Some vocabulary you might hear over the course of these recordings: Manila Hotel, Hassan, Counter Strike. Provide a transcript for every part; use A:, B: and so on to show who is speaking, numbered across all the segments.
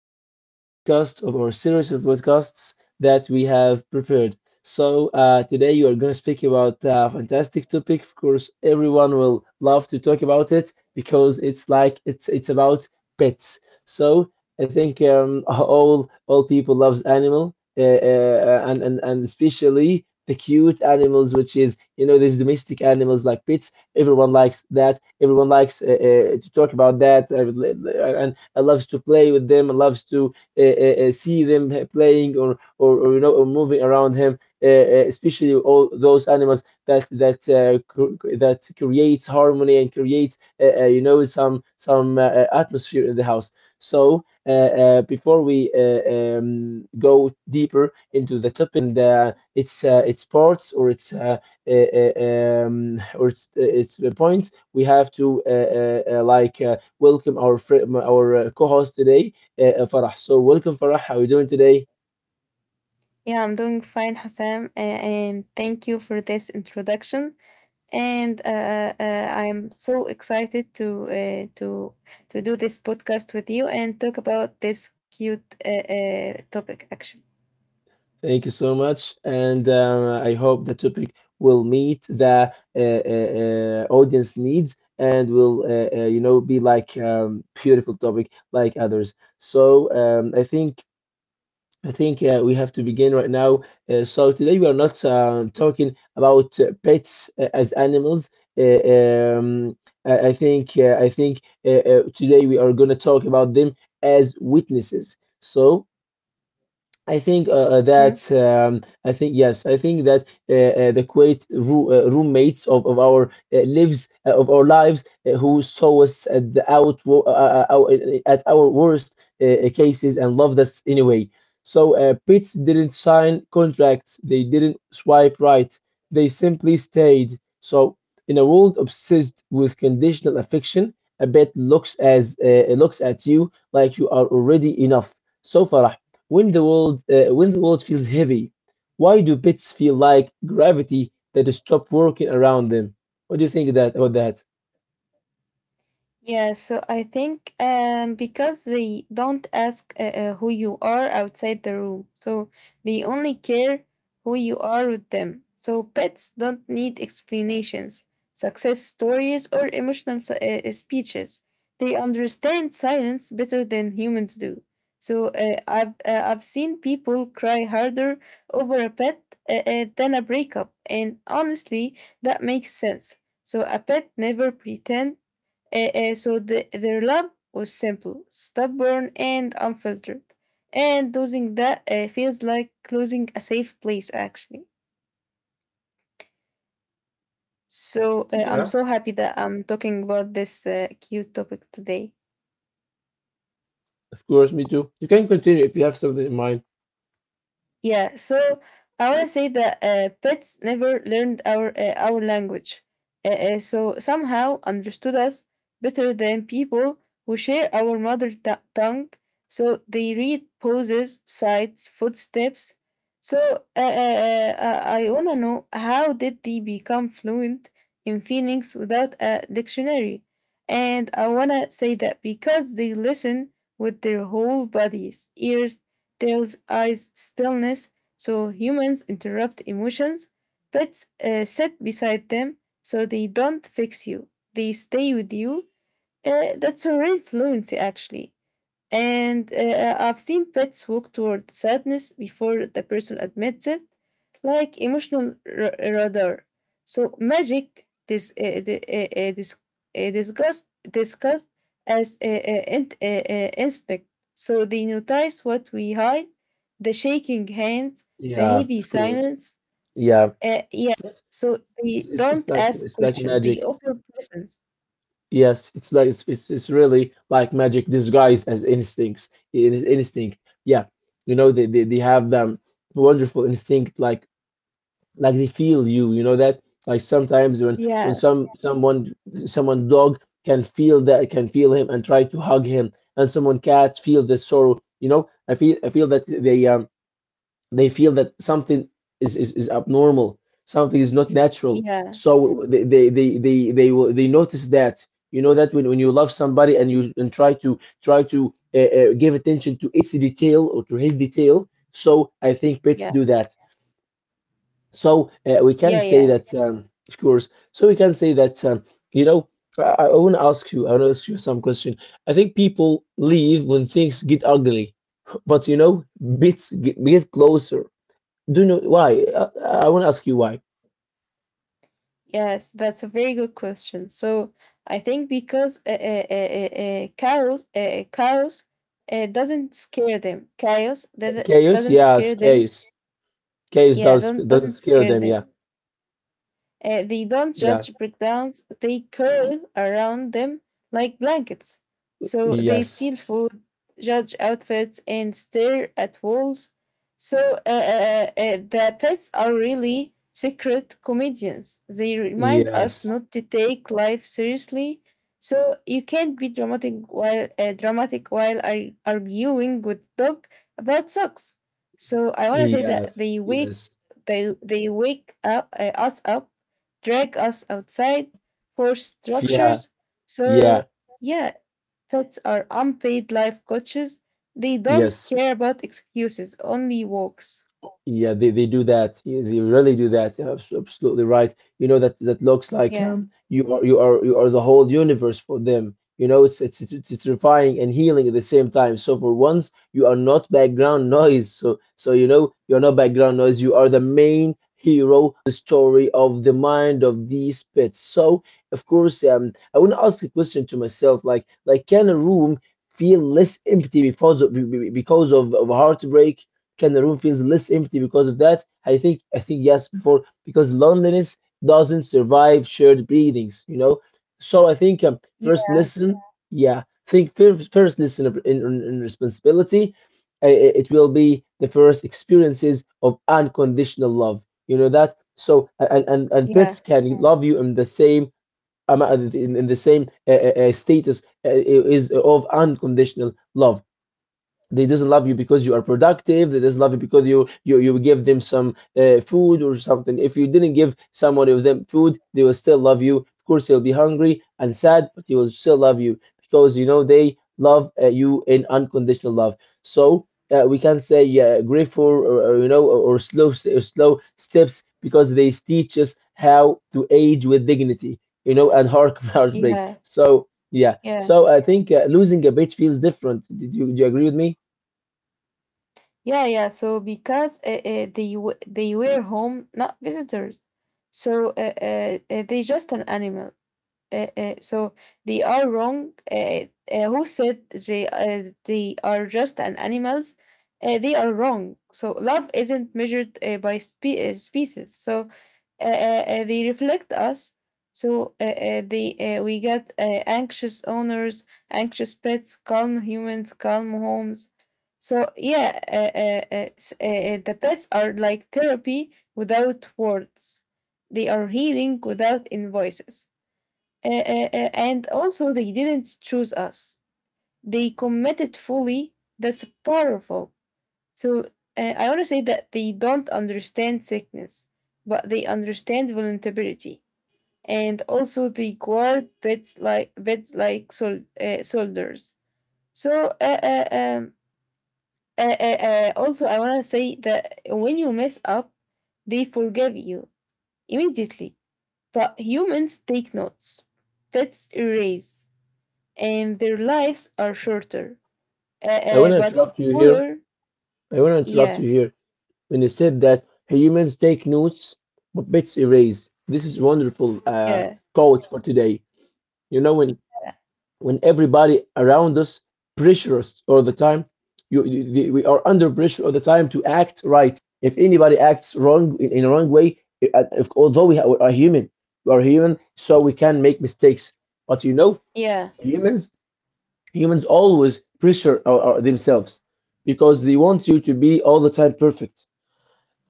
A: back to a new podcast of our series of podcasts that we have prepared. So, today you are going to speak about a fantastic topic. Of course, everyone will love to talk about it because it's like it's about pets. So, I think all people loves animal, and especially the cute animals, which is you know these domestic animals like pets. Everyone likes that. Everyone likes to talk about that, and I loves to play with them. Loves to uh, uh, see them playing or you know or moving around him. Especially all those animals that that creates harmony and creates you know some atmosphere in the house. So uh, Before we go deeper into the topic and its parts or its uh, uh, or its points, we have to like, welcome our friend, our co-host today, Farah. So welcome, Farah. How are you doing today?
B: Yeah, I'm doing fine, Hassan, and thank you for this introduction. And I'm so excited to do this podcast with you and talk about this cute topic. Actually.
A: Thank you so much, and I hope the topic will meet the audience needs and will, you know, be like beautiful topic like others. So I think we have to begin right now. So today we are not talking about pets as animals. Uh, um, I think today we are going to talk about them as witnesses. So
B: Hmm.
A: I think that the Kuwait roommates of our lives of our lives who saw us at the out wo- our- at our worst cases and loved us anyway. So Pits didn't sign contracts, they didn't swipe right, they simply stayed. So in a world obsessed with conditional affection, a bet looks at you like you are already enough. So far, when the world feels heavy, why do pets feel like gravity that stop working around them? What do you think that about that?
B: Yeah, so I think because they don't ask who you are outside the room, so they only care who you are with them. So pets don't need explanations, success stories, or emotional speeches. They understand silence better than humans do. So I've seen people cry harder over a pet than a breakup, and honestly, that makes sense. So a pet never pretend. So their love was simple, stubborn, and unfiltered. And losing that feels like losing a safe place, actually. So I'm
A: Yeah.
B: so happy that I'm talking about this cute topic today.
A: Of course, me too. You can continue if you have something in mind.
B: Yeah, so I want to say that pets never learned our language, so somehow understood us better than people who share our mother tongue. So they read poses, sights, footsteps. So I wanna know how did they become fluent in feelings without a dictionary? And I wanna say that because they listen with their whole bodies, ears, tells eyes stillness, so humans interrupt emotions. Pets sit beside them, so they don't fix you. They stay with you. That's a real fluency, actually. And I've seen pets walk toward sadness before the person admits it, like emotional radar. So magic is discussed as instinct. So they notice what we hide, the shaking hands, the
A: Yeah,
B: heavy
A: of course.
B: silence.
A: Yeah.
B: Yeah.
A: Yes.
B: So
A: it's
B: they
A: it's, it's
B: don't
A: like
B: ask
A: it's like
B: questions. They
A: magic.
B: offer presents.
A: Yes, it's really like magic disguised as instincts. It is instinct. Yeah, you know they have wonderful instinct like they feel you, you know that, like sometimes when when
B: Yeah.
A: some someone someone dog can feel that, can feel him and try to hug him, and someone cat feel the sorrow, you know, I feel that they they feel that something is abnormal, something is not natural,
B: Yeah.
A: so they will, they notice that, you know, that when you love somebody and you and try to give attention to its detail or to his detail, so I think pets
B: Yeah.
A: do that. So we
B: Yeah.
A: can say
B: Yeah.
A: that, of course. So we can say that, you know, I want to ask you some question. I think people leave when things get ugly, but you know, bits get closer. Do you know why? I want to ask you why.
B: Yes, that's a very good question. So I think because cows doesn't scare them. Cows that
A: Chaos,
B: doesn't
A: yes,
B: scare them.
A: chaos. Chaos
B: Yeah, don't,
A: doesn't
B: doesn't
A: scare
B: scare
A: them. Yeah,
B: them. They don't
A: yeah,
B: judge breakdowns, they curl around them like blankets. So they
A: yes,
B: steal food, judge outfits, and stare at walls. So the pets are really secret comedians. They remind us
A: yes,
B: not to take life seriously. So you can't be dramatic while arguing with dog about socks. So I want to say that they
A: yes,
B: wake
A: yes,
B: they they wake up us up, drag us outside, force
A: yeah,
B: structures.
A: yeah,
B: So, yeah, pets are unpaid life coaches. They don't
A: yes.
B: care about excuses, only walks.
A: Yeah, they do that. Yeah, they really do that. Absolutely right. You know that that looks like
B: Yeah,
A: you are you are the whole universe for them. You know it's terrifying and healing at the same time. So for once, you are not background noise. So you know, you're not background noise. You are the main hero, the story of the mind of these pets. So of course, I want to ask a question to myself, like, can a room feel less empty because of heartbreak? Can the room feels less empty because of that? I think, I think yes before because loneliness doesn't survive shared breathings, you know. So I think, first
B: yeah,
A: listen, yeah, think first, first listen in, in responsibility. It will be the first experiences of unconditional love. You know that. So and
B: yeah,
A: pets can love you um, in the same status is of unconditional love. They just love you because you are productive. They just love you because you give them some food or something. If you didn't give someone of them food, they will still love you. Of course, they'll be hungry and sad, but they will still love you because, you know, they love you in unconditional love. So we can say yeah, grateful or, you know, or slow or slow steps, because they teach us how to age with dignity, you know, and heart heartbreak.
B: yeah,
A: So yeah,
B: yeah,
A: so I think losing a bit feels different. Do you agree with me?
B: yeah, yeah. So, because they were home, not visitors. So, they just an animal. So they are wrong. Who said they are just an animals? They are wrong. So love isn't measured by species. So uh, uh, they reflect us. So they we get anxious owners, anxious pets, calm humans, calm homes. So yeah, the pets are like therapy without words. They are healing without invoices. Uh, uh, and also, they didn't choose us. They committed fully. That's powerful. So I want to say that they don't understand sickness, but they understand vulnerability. And also, they guard beds like soldiers. So also, I want to say that when you mess up, they forgive you immediately. But humans take notes. Pets erase. And their lives are shorter,
A: I want to
B: but
A: interrupt you here.
B: fuller.
A: I want to interrupt
B: Yeah,
A: you here. When you said that, "Hey, humans take notes, but bits erase." This is wonderful
B: yeah,
A: quote for today. You know, when everybody around us pressure us all the time, we are under pressure all the time to act right. If anybody acts wrong in a wrong way, if, although we are human, so we can make mistakes. But you know,
B: yeah,
A: humans humans always pressure themselves because they want you to be all the time perfect.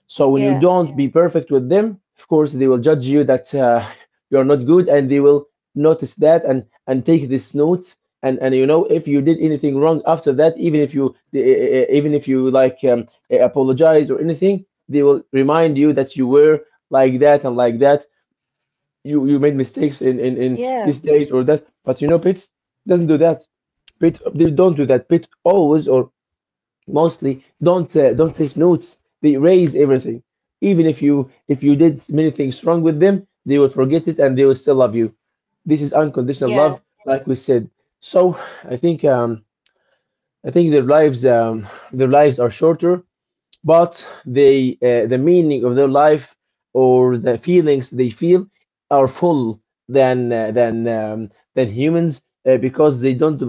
A: So when you
B: yeah,
A: don't be perfect with them, of course they will judge you that you're not good, and they will notice that, and take this note. And you know, if you did anything wrong after that, even if you like, apologize or anything, they will remind you that you were like that and like that, you made mistakes in
B: yeah,
A: this date or that. But you know, pits doesn't do that. Pit they don't do that. Pit always or mostly don't take notes, they erase everything. Even if you, if you did many things wrong with them, they will forget it, and they will still love you. This is unconditional
B: yeah,
A: love, like we said. So I think, I think their lives, their lives are shorter, but they, the meaning of their life or the feelings they feel are full than than humans, because they don't,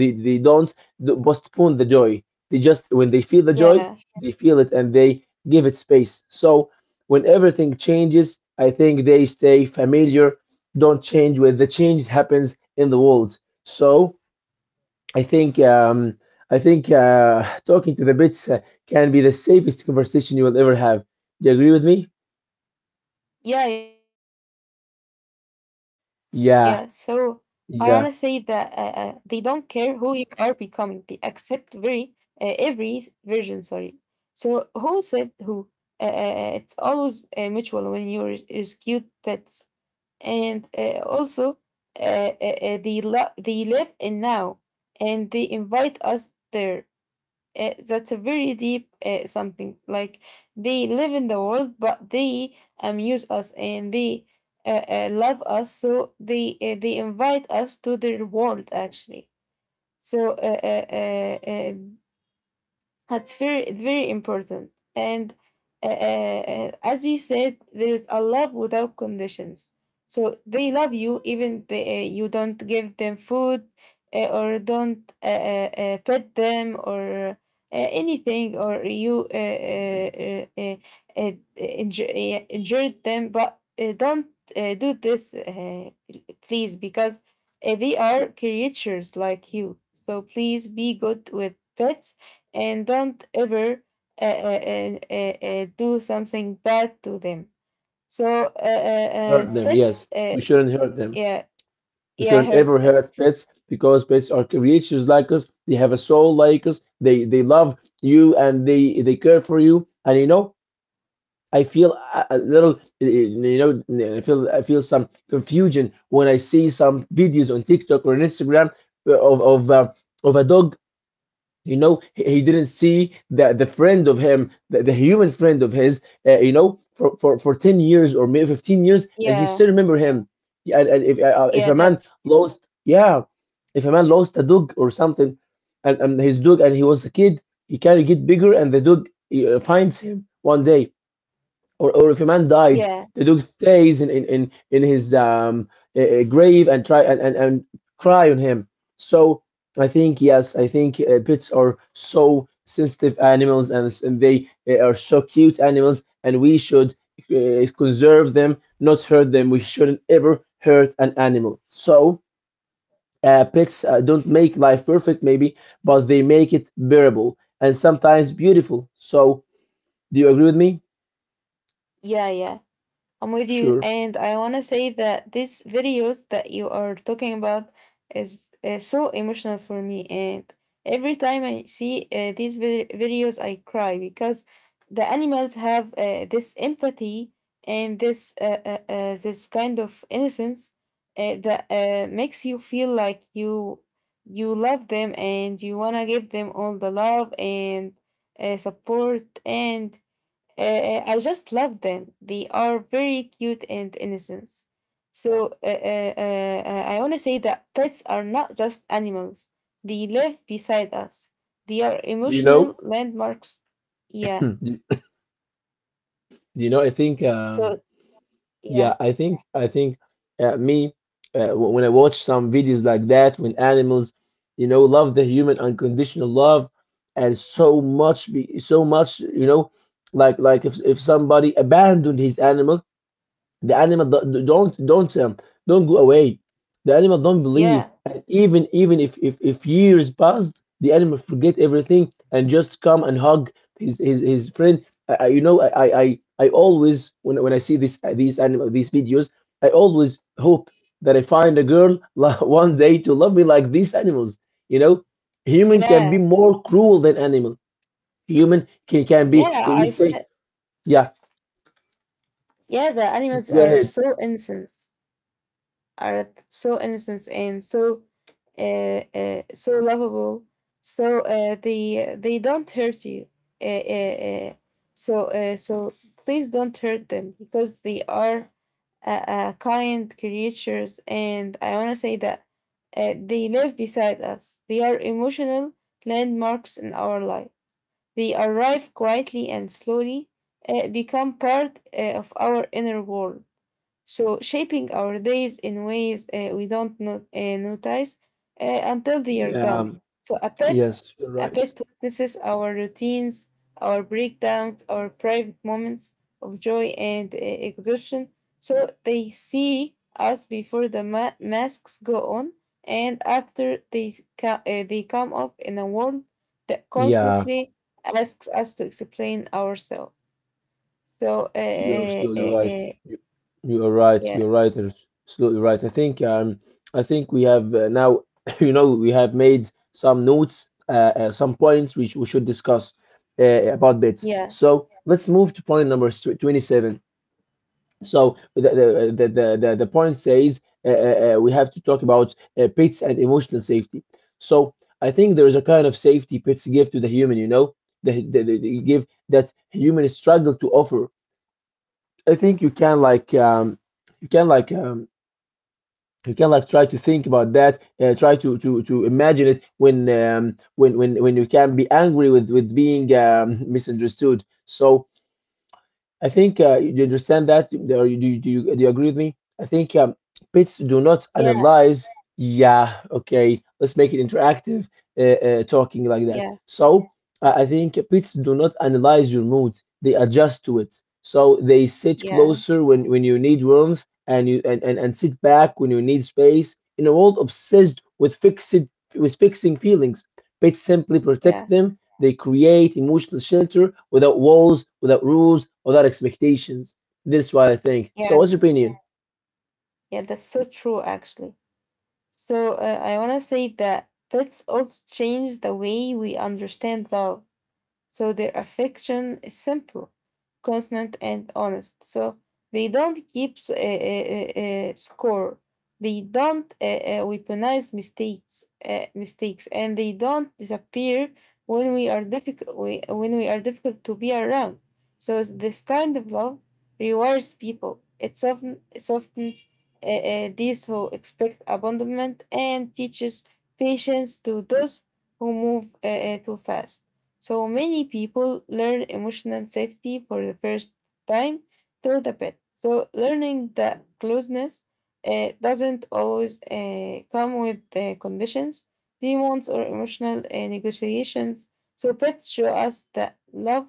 A: they don't postpone the joy. They just, when they feel the joy,
B: yeah,
A: they feel it and they give it space. So when everything changes, I think they stay familiar, don't change when the change happens in the world. So I think, I think talking to the bits can be the safest conversation you will ever have. Do you agree with me?
B: yeah, yeah. So I wanna say that
A: Yeah,
B: they don't care who
A: yeah.
B: you are becoming. They accept very every version. Sorry. So who said who? It's always mutual when you rescue pets. And also they live in now and they invite us there. That's a very deep something like they live in the world but they amuse us and they love us, so they invite us to their world, actually. So uh, that's very very important. And as you said, there is a love without conditions. So they love you even you don't give them food, or don't pet them or anything, or you injured them. But don't do this, please, because they are creatures like you. So please be good with pets and don't ever do something bad to them. So
A: Hurt them,
B: that's
A: yes. We shouldn't hurt them.
B: yeah,
A: We
B: yeah,
A: shouldn't
B: hurt,
A: ever hurt pets because pets are creatures like us. They have a soul like us. They love you, and they care for you. And you know, I feel a little, you know, I feel some confusion when I see some videos on TikTok or on Instagram, uh, of of uh, of a dog, you know, he didn't see that the friend of him, the human friend of his, you know, for 10 years or maybe 15 years, and he
B: yeah,
A: still remember him. Yeah, and if
B: yeah,
A: a man
B: that's
A: lost, yeah, if a man lost a dog or something, and his dog, and he was a kid, he can get bigger and the dog finds him one day, or if a man died,
B: yeah,
A: the dog stays in his grave and try and cry on him. So I think yes, I think pets are so sensitive animals, and they are so cute animals, and we should conserve them, not hurt them. We shouldn't ever hurt an animal. So pets don't make life perfect, maybe, but they make it bearable and sometimes beautiful. So do you agree with me?
B: yeah, yeah, I'm with you,
A: Sure.
B: and I want to say that these videos that you are talking about is so emotional for me, and every time I see these videos, I cry because the animals have this empathy and this kind of innocence that makes you feel like you love them and you want to give them all the love and support, and I just love them. They are very cute and innocent. So I want to say that pets are not just animals. They live beside us. They are
A: You
B: emotional
A: know?
B: landmarks. Yeah.
A: Hmm. You know, I think,
B: So
A: yeah,
B: yeah,
A: I think, me, w- when I watch some videos like that, when animals, you know, love the human unconditional love, and so much, be so much, you know, like if somebody abandoned his animal, the animal don't go away. The animal don't believe,
B: yeah,
A: and even if years passed, the animal forget everything and just come and hug his friend. I you know I always when I see this these animal these videos, I always hope that I find a girl one day to love me like these animals. You know, human can
B: yeah,
A: be more cruel than animal. Human can be
B: yeah. I
A: we
B: said
A: say yeah.
B: yeah. The animals
A: Go
B: are
A: ahead.
B: so innocent, and so so lovable. So they don't hurt you. Uh, uh, uh, so please don't hurt them because they are kind creatures, and I want to say that they live beside us. They are emotional landmarks in our life. They arrive quietly and slowly, become part of our inner world. So, shaping our days in ways we don't notice uh, until they are
A: Yeah,
B: gone. So, a pet,
A: Yes, you're
B: a
A: right.
B: pet witnesses our routines, our breakdowns, our private moments of joy and exhaustion. So, they see us before the masks go on, and after they come up in a world that
A: Yeah,
B: constantly asks us to explain ourselves. So,
A: you are absolutely right. You, you are right.
B: yeah,
A: You're right. You're absolutely right. I think we have now, you know, we have made some notes, some points which we should discuss about bits.
B: yeah.
A: So let's move to point number 27. So the point says we have to talk about pets and emotional safety. So I think there is a kind of safety pets give to the human, you know, the give that human struggle to offer. I think you can like you can like um, try to think about that. Try to imagine it when when you can be angry with being misunderstood. So I think you understand that, or you, do, you- do you do you agree with me? I think pets do not
B: Yeah.
A: analyze. Yeah, okay, let's make it interactive, uh, talking like that.
B: Yeah,
A: So I think pets do not analyze your mood; they adjust to it. So they sit
B: yeah,
A: closer when you need warmth, and and sit back when you need space. In a world obsessed with fixed with fixing feelings, pets simply
B: yeah,
A: protect them. They create emotional shelter without walls, without rules, without expectations. This is what I think. So, what's your
B: yeah,
A: opinion?
B: yeah. That's so true, actually. So I want to say that pets also change the way we understand love. So their affection is simple, constant, and honest. So they don't keep score. They don't weaponize mistakes, and they don't disappear when we are difficult. When we are difficult to be around. So this kind of love rewards people. It softens these who expect abandonment and teaches patience to those who move too fast. So many people learn emotional safety for the first time through the pet. So learning the closeness doesn't always come with conditions, demands, or emotional negotiations. So pets show us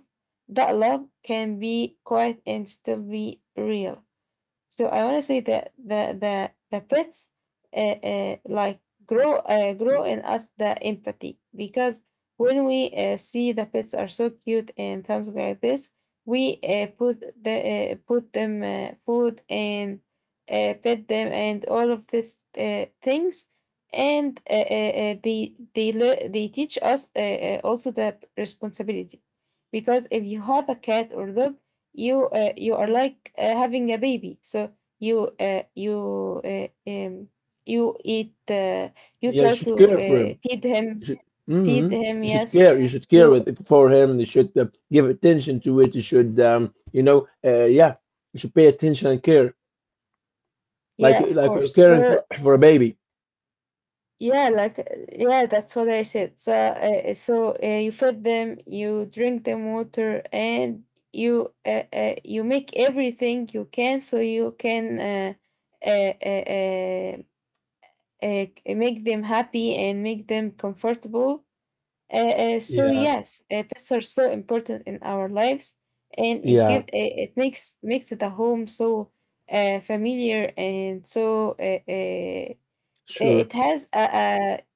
B: that love can be quiet and still be real. So I want to say that the pets like grow in us the empathy because when we see the pets are so cute and something like this, we put them food and pet them and all of these things, and they teach us also the responsibility, because if you have a cat or dog, you are like having a baby. So you uh, you uh, um, you eat you
A: Yeah, you
B: try
A: should
B: to
A: care for him.
B: feed
A: You
B: him,
A: should,
B: feed
A: hmm
B: him.
A: you should
B: Yes.
A: care. You should care
B: You.
A: for him. You should give attention to it. You should, yeah, you should pay attention and care, like
B: Yeah, of
A: you're
B: course.
A: caring
B: So
A: for a baby.
B: yeah, like yeah, that's what I said. So you feed them, you drink them water, and you make everything you can so you can uh, uh, uh, make them happy and make them comfortable. So
A: Yeah,
B: yes, pets are so important in our lives, and it give
A: yeah,
B: uh, it makes the home so familiar and so it
A: sure.
B: has a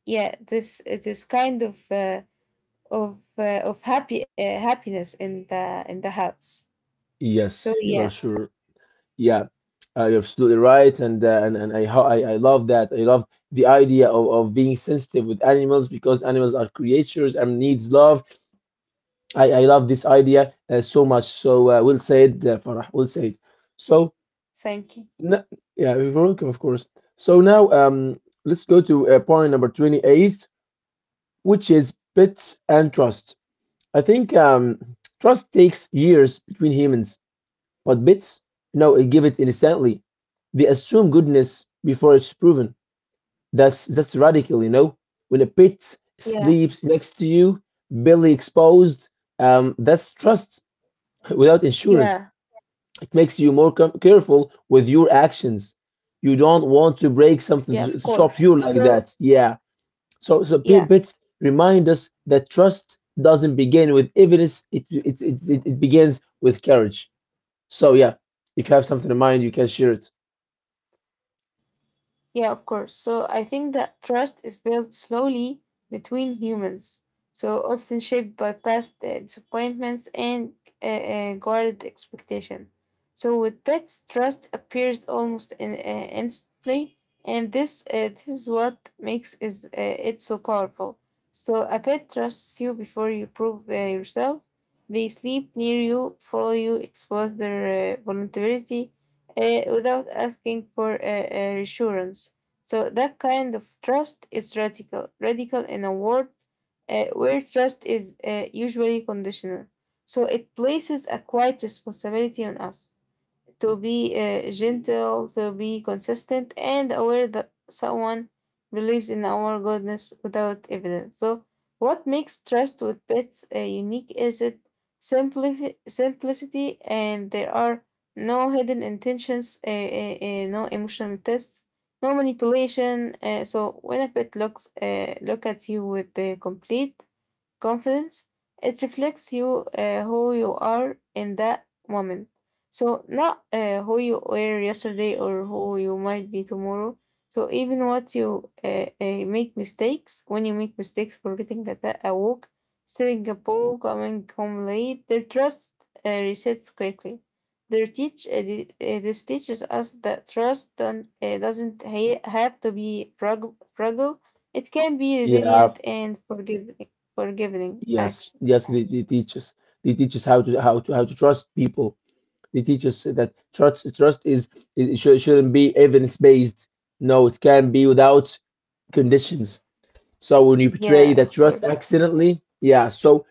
B: yeah, this kind of of happy happiness in the house. So
A: Yes, you are
B: yeah,
A: sure. Yeah, you're absolutely right, and I love that. I love the idea of being sensitive with animals because animals are creatures and needs love. I love this idea so much. So we'll say it, Farah. We'll say it. So
B: thank you.
A: n yeah, you're welcome, of course. So now let's go to point number 28, which is pets and trust. I think trust takes years between humans. But bits, no, it give it instantly. They assume goodness before it's proven. That's radical, you know. When a bit
B: Yeah,
A: sleeps next to you, belly exposed, that's trust without insurance.
B: yeah,
A: It makes you more careful with your
B: yeah. Of
A: actions.
B: course.
A: You
B: So
A: don't want to break something to stop you like that.
B: yeah.
A: Yeah. So bits remind us that trust doesn't begin with evidence. It begins with courage. So yeah, if you have something in mind, you can share it.
B: Yeah, of course. So I think that trust is built slowly between humans, so often shaped by past disappointments and guarded expectation. So with pets, trust appears almost instantly, and this is what makes is it so powerful. So a pet trusts you before you prove yourself. They sleep near you, follow you, expose their vulnerability, without asking for reassurance. So that kind of trust is radical, radical in a world where trust is usually conditional. So it places a quiet responsibility on us to be gentle, to be consistent, and aware that someone believes in our goodness without evidence. So what makes trust with pets unique is it simplicity, and there are no hidden intentions, no emotional tests, no manipulation. So when a pet look at you with the complete confidence. It reflects you, who you are in that moment. So not who you were yesterday or who you might be tomorrow. So even what you make mistakes, when you make mistakes, forgetting a walk, stealing a ball, coming home late, their trust resets quickly. This teaches us that trust doesn't have to be fragile. It can be
A: Yeah,
B: resilient and forgiving
A: yes,
B: action.
A: yes. They teach us. They teach us how to trust people. They teach us that trust is it shouldn't be evidence based. No, it can be without conditions. So when you
B: Yeah,
A: betray
B: of
A: that trust
B: course.
A: accidentally, yeah. So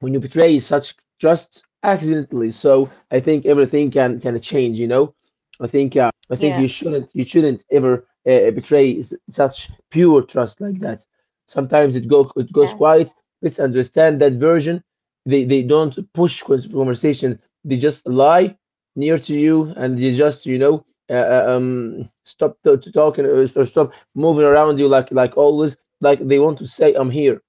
A: when you betray such trust accidentally. So I think everything can change. You know, I think
B: Yeah,
A: you shouldn't ever betray such pure trust like that. Sometimes it goes
B: yeah,
A: quiet. Let's understand that version. They don't push conversations. They just lie near to you and they just you know. Stop to talking or stop moving around you like always, like they want to say I'm here.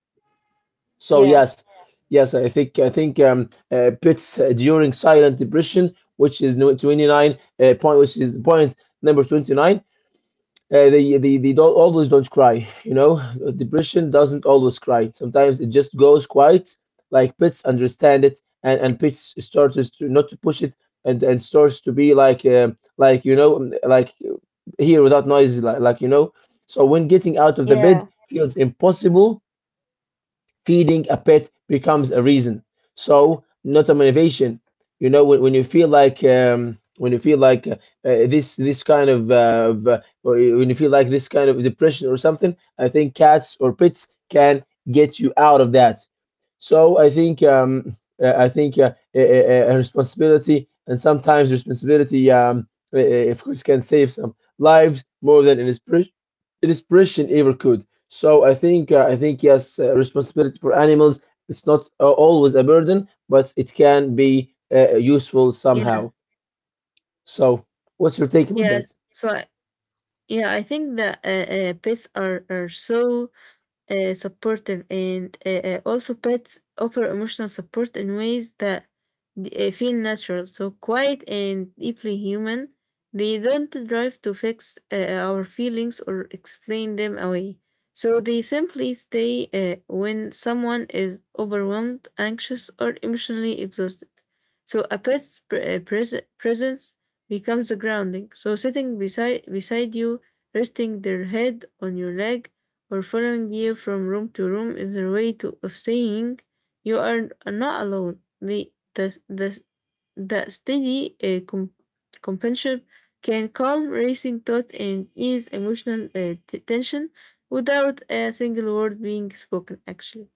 A: So
B: yeah,
A: yes, yes, I think pits during silent depression, which is 29 point, which is point number 29. They don't always don't cry. You know, depression doesn't always cry. Sometimes it just goes quiet. Like pits understand it, and pits starts to not to push it, and starts to be like here without noise, like you know. So when getting out of the
B: yeah,
A: bed feels impossible, feeding a pet becomes a reason, so not a motivation. You know when you feel like this kind of, or when you feel like this kind of depression or something, I think cats or pets can get you out of that. So I think I think a responsibility, and sometimes responsibility of course can save some lives more than inspiration ever could. So I think yes, responsibility for animals, it's not always a burden, but it can be useful
B: yeah,
A: somehow. So what's your take about
B: yeah.
A: that?
B: So I, yeah, I think that pets are so supportive, and also pets offer emotional support in ways that feel natural, so quiet and deeply human. They don't drive to fix our feelings or explain them away, so they simply stay when someone is overwhelmed, anxious, or emotionally exhausted. So a pet's presence becomes a grounding. So sitting beside you, resting their head on your leg, or following you from room to room is a way of saying you are not alone. The steady companionship can calm racing thoughts and ease emotional tension without a single word being spoken, actually.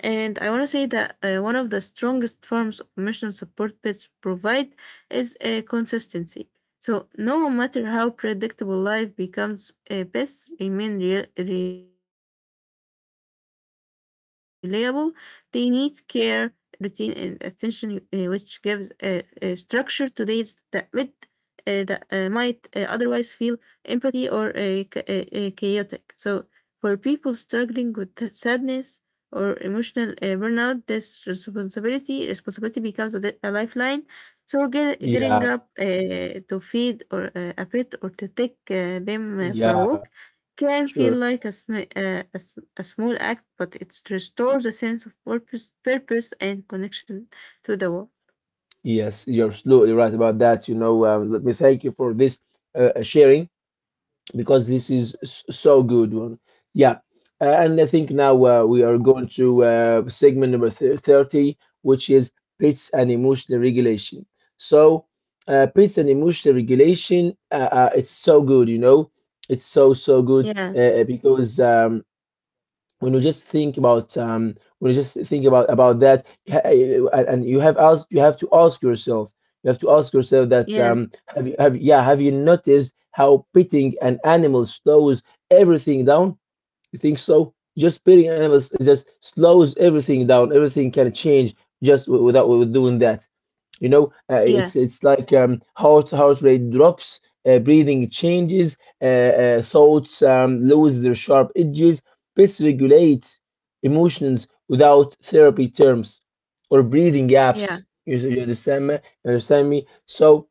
B: And I want to say that one of the strongest forms of emotional support pets provide is consistency. So, no matter how predictable life becomes, pets remain reliable. They need care, routine, and attention, which gives structure to days that might otherwise feel empathy or chaotic. So, for people struggling with sadness or emotional burnout, this responsibility becomes a lifeline. So getting
A: Yeah,
B: up to feed or a pet, or to take them for a
A: yeah,
B: walk can
A: sure.
B: feel like a, sm- a, s- a small act, but it restores a sense of purpose and connection to the world.
A: Yes, you're absolutely right about that. You know, let me thank you for this sharing, because this is so good one. Yeah, and I think now we are going to segment number 30, which is pets and emotional regulation. So, pets and emotional regulation, it's so good, you know, it's so good,
B: Yeah,
A: because when you just think about that and you have to ask yourself, that
B: yeah,
A: have you have yeah, have you noticed how pitting an animal slows everything down? You think so? Just spitting animals just slows everything down. Everything can change just without doing that. You know,
B: yeah,
A: it's like heart rate drops, breathing changes, thoughts lose their sharp edges. Pets regulate emotions without therapy terms or breathing
B: yeah,
A: gaps. You understand me? You understand me? So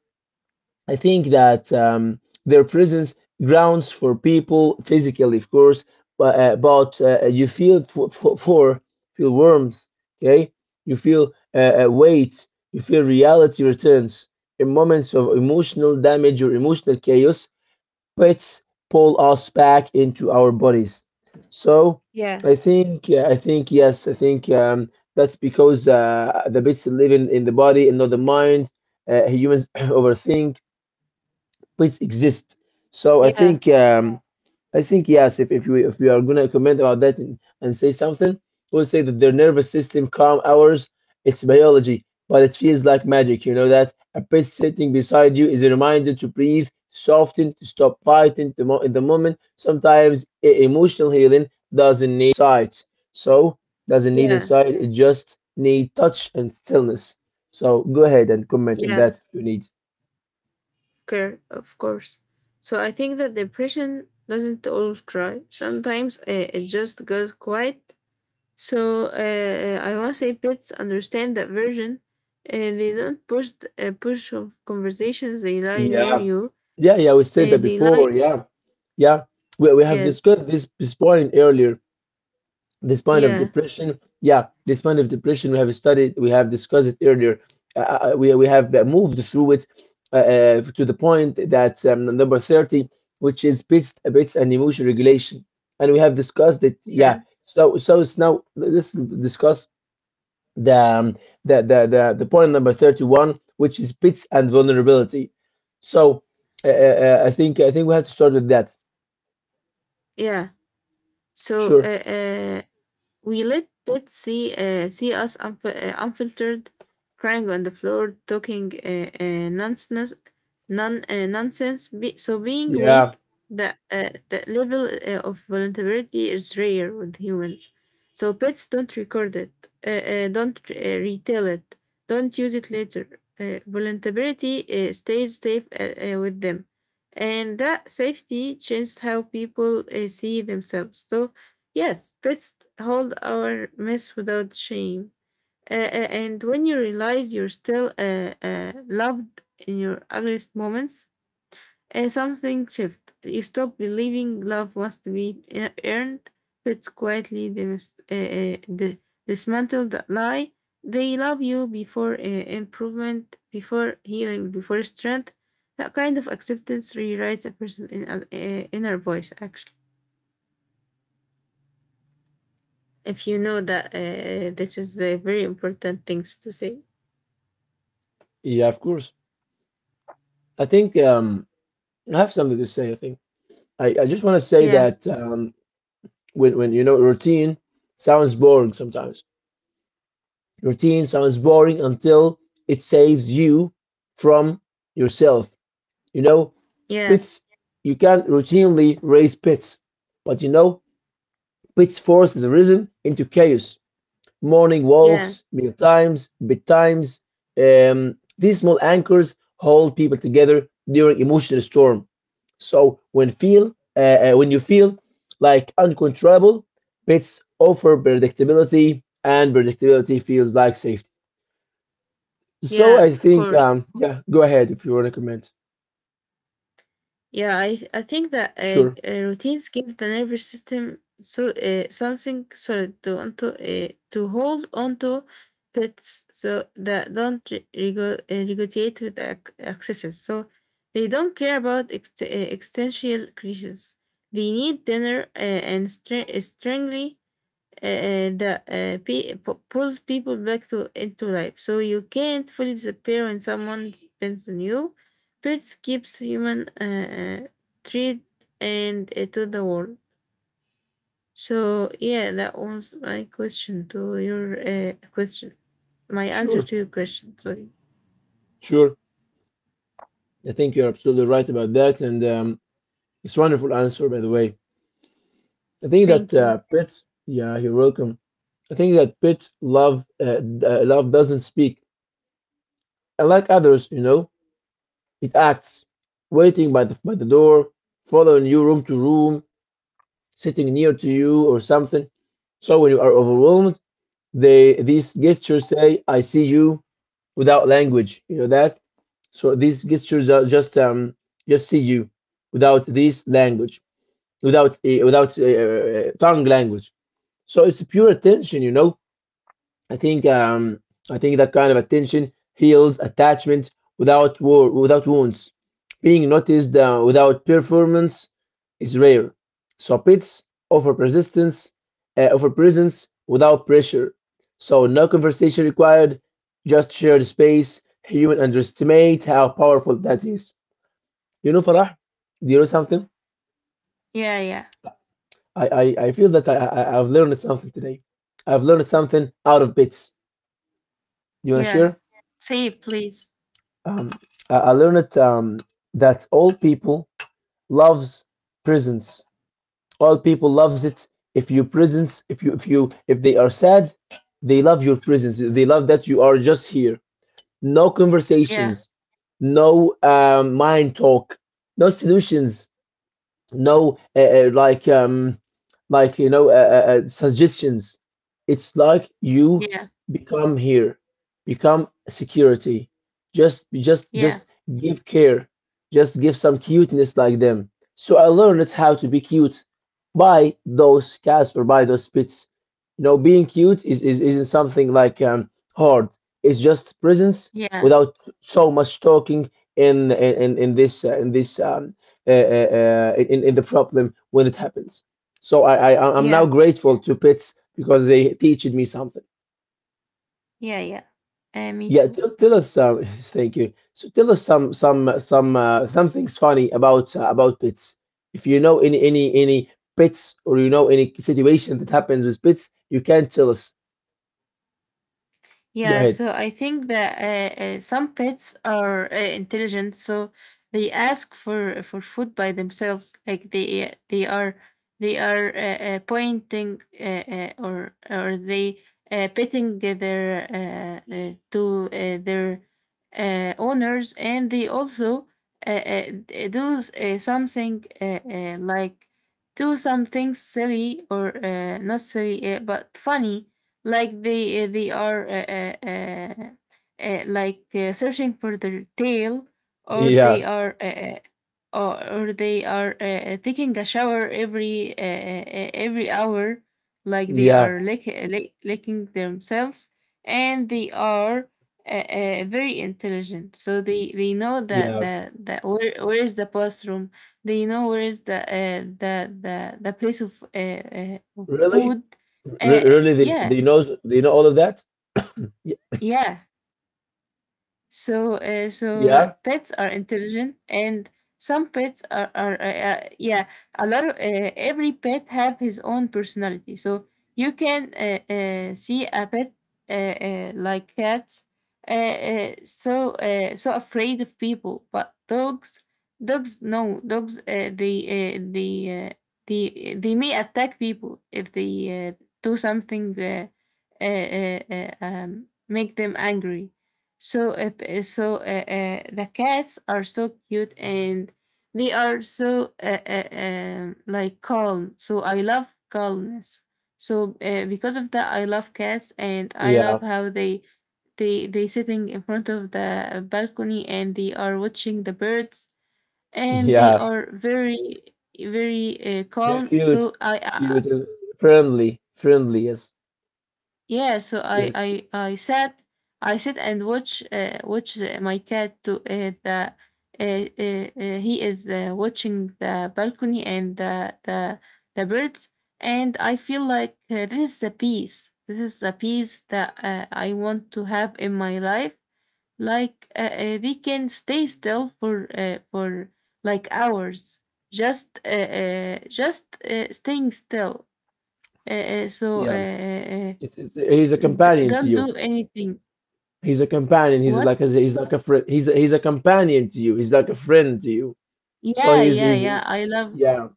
A: I think that their presence grounds for people physically, of course, but, you feel for feel warmth, okay? You feel weight, you feel reality returns. In moments of emotional damage or emotional chaos, pets pull us back into our bodies. So
B: yeah,
A: I think yes, I think that's because the bits live in the body and not the mind. Humans overthink but exist. So
B: yeah,
A: I think yes, if we are gonna comment about that and say something, we'll say that their nervous system calm ours. It's biology, but it feels like magic. You know that a pet sitting beside you is a reminder to breathe, soften, to stop fighting in the moment. Sometimes emotional healing doesn't need sight, so doesn't need
B: yeah,
A: insight. It just need touch and stillness. So go ahead and comment on
B: yeah.
A: that if you need.
B: Care, of course. So I think that depression doesn't always cry. Sometimes it just goes quiet. So I want to say pets understand that version. They don't push of conversations. They lie near
A: Yeah,
B: you.
A: yeah, yeah. We said that
B: They lie.
A: before. Yeah, yeah. We have
B: Yeah,
A: discussed this point earlier. This point of
B: yeah,
A: depression. Yeah, this point of depression. We have studied. We have discussed it earlier. We have moved through it to the point that number 30, which is bits and emotion regulation, and we have discussed it. Yeah.
B: yeah,
A: So so it's now, let's discuss the the point number 31, which is bits and vulnerability. So I think we have to start with that.
B: yeah. So
A: Sure.
B: we let pets see us unfiltered, crying on the floor, talking nonsense. So being weak,
A: Yeah,
B: the level of vulnerability is rare with humans. So pets don't record it, don't retell it, don't use it later. Vulnerability stays safe with them, and that safety changed how people see themselves. So yes, let's hold our mess without shame. And when you realize you're still loved in your ugliest moments, something shifts. You stop believing love must be earned. It's quietly dismantle that lie. They love you before improvement, before healing, before strength. That kind of acceptance rewrites a person's inner voice, actually. If you know that this is the very important things to say.
A: yeah, of course. I think I have something to say. I think I just want to say
B: Yeah,
A: that when you know routine sounds boring sometimes. Routine sounds boring until it saves you from yourself, you know.
B: yeah,
A: Pits, you can't routinely raise pits, but you know, which forced the rhythm into chaos. Morning
B: yeah,
A: walks, meal times, bedtimes. These small anchors hold people together during emotional storm. So when feel when you feel like uncontrollable, pets offer predictability, and predictability feels like safety. So
B: yeah,
A: I
B: of
A: think
B: course.
A: yeah, go ahead if you want to comment.
B: Yeah, I think that
A: Sure,
B: routines give the nervous system so something solid to hold onto. Pets so that don't regurgitate with excesses, so they don't care about existential crises. They need dinner and str- strongly that pulls people back to into life. So you can't fully disappear when someone depends on you. Pets keeps human treat and to the world. So yeah, that was my question to your question. My answer
A: sure,
B: to your question. Sorry.
A: sure. I think you're absolutely right about that, and it's a wonderful answer, by the way. I think that
B: Thank you.
A: yeah, you're welcome. I think that pets love, love doesn't speak. Unlike others, you know, it acts, waiting by the door, following you room to room, sitting near to you or something. So when you are overwhelmed, they these gestures say, "I see you," without language. You know that. So these gestures are just see you, without this language, without tongue language. So it's pure attention. I think um, I think that kind of attention heals attachment without war, without wounds. Being noticed without performance is rare. So pits offer persistence, offer presence without pressure. So no conversation required, just shared space. Human underestimate how powerful that is. You know, Farah, do you know something?
B: Yeah, yeah,
A: I feel that I've learned something today. I've learned something out of bits. You wanna
B: yeah.
A: share?
B: Say it, please.
A: Um, I learned it that all people loves prisons. All people loves it. If you prisons, if you if you if they are sad, they love your prisons. They love that you are just here. No
B: Yeah,
A: conversations, no mind talk, no solutions no like like suggestions. It's like you
B: yeah,
A: become here, become security, just just
B: yeah,
A: just give care, just give some cuteness like them. So I learned how to be cute by those cats or by those pets. You know, being cute is isn't something like hard. It's just presence
B: yeah,
A: without so much talking in this in the problem when it happens. So I'm now
B: yeah,
A: grateful to pits because they teached me something.
B: yeah, yeah. Me
A: Yeah,
B: too.
A: tell us. Thank you. So tell us some things funny about pits. If you know any pits or you know any situation that happens with pits, you can tell us. Go
B: Yeah,
A: ahead.
B: so I think that some pets are intelligent, so they ask for food by themselves. Like they are, they are pointing or they petting their owners, and they also do something like, do something silly, or not silly, but funny. Like they are like searching for their tail, or they
A: Yeah,
B: are or, or they are taking a shower every hour, like they
A: yeah,
B: are licking themselves, and they are very intelligent. So they know
A: yeah.
B: that where is the bathroom. They know where is the the place of
A: Really.
B: food.
A: Re- really, they
B: Yeah,
A: they know they know all of that. Y-
B: yeah. So so
A: Yeah,
B: pets are intelligent, and some pets are yeah. A lot of every pet have his own personality. So you can see a pet like cats, so so afraid of people, but dogs dogs no dogs they may attack people if they do something make them angry. So, if, so the cats are so cute, and they are so like calm. So I love calmness. So because of that, I love cats, and I love
A: yeah,
B: how they sitting in front of the balcony, and they are watching the birds, and they
A: yeah.
B: are very
A: They're
B: calm.
A: cute,
B: So I.
A: cute, and friendly, friendly. Yes,
B: Yeah, so
A: yes,
B: I sat, I sit and watch watch my cat to the he is watching the balcony and the birds, and I feel like this is a peace this is a peace that I want to have in my life. Like we can stay still for like hours, just staying still, uh, uh, so uh,
A: yeah.
B: uh, uh,
A: He's a
B: D
A: companion to
B: don't
A: you.
B: do anything.
A: He's a companion. He's
B: What?
A: like a friend. He's a companion to you. He's like a friend to you. So
B: Yeah,
A: he's
B: yeah,
A: he's
B: yeah.
A: yeah.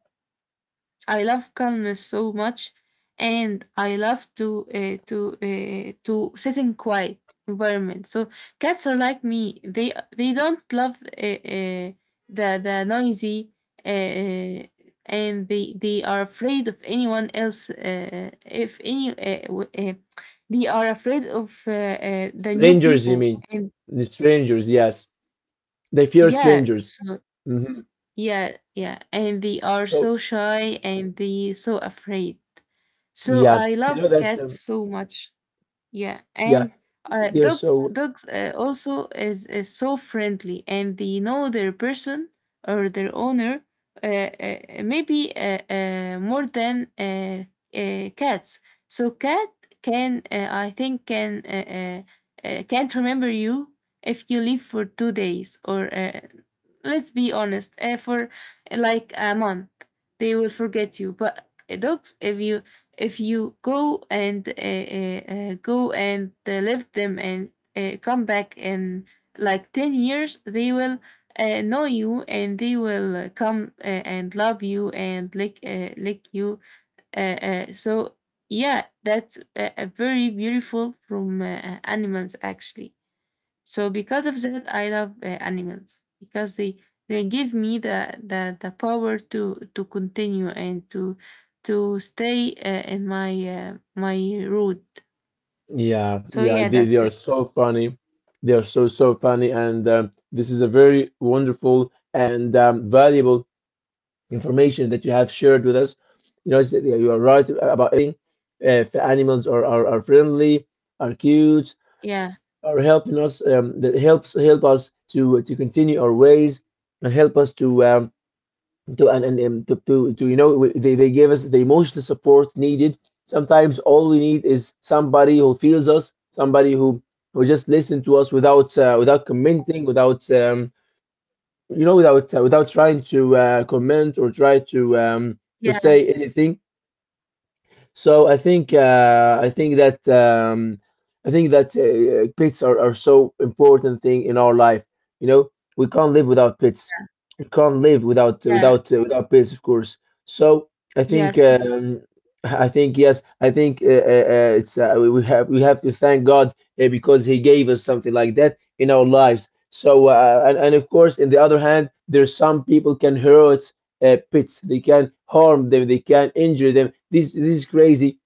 B: I love calmness so much, and I love to to sit in quiet environment. So cats are like me. They don't love the noisy, uh, and they are afraid of anyone else. If any, w- They are afraid of the new
A: Strangers, you
B: people.
A: mean?
B: And
A: The strangers, yes. They fear
B: yeah,
A: strangers.
B: so
A: Hmm.
B: yeah, yeah. And they are
A: So
B: so shy, and they so afraid. So
A: yeah,
B: I love
A: that's
B: cats so much. Yeah.
A: yeah.
B: And
A: They're so.
B: dogs also is so friendly, and they know their person or their owner maybe more than cats. So cat can I think can't remember you if you leave for 2 days or let's be honest, eh, for like a month, they will forget you. But dogs, if you go and leave them, and come back in like 10 years, they will know you, and they will come and love you and lick you. So yeah, that's a very beautiful from animals, actually. So because of that, I love animals, because they give me the power to continue and to stay in my my route.
A: Yeah,
B: So
A: yeah,
B: yeah,
A: they
B: that's
A: are
B: it.
A: so funny. They are so, so funny. And this is a very wonderful and valuable information that you have shared with us. You know, yeah, you are right about eating. If animals are friendly, are cute,
B: Yeah,
A: are helping us, that helps help us to continue our ways and help us to and to they give us the emotional support needed. Sometimes all we need is somebody who feels us, somebody who just listen to us without commenting, without without trying to comment or try to
B: yeah,
A: say anything. So I think that pets are so important thing in our life. You know, we can't live without pets. We can't live without
B: yeah,
A: without uh, without pets, of course. So I
B: yeah.
A: think
B: So
A: um, I think it's we have to thank God, because He gave us something like that in our lives. So, and of course, in the other hand, there's some people can hurt pets. They can harm them. They can injure them. This is crazy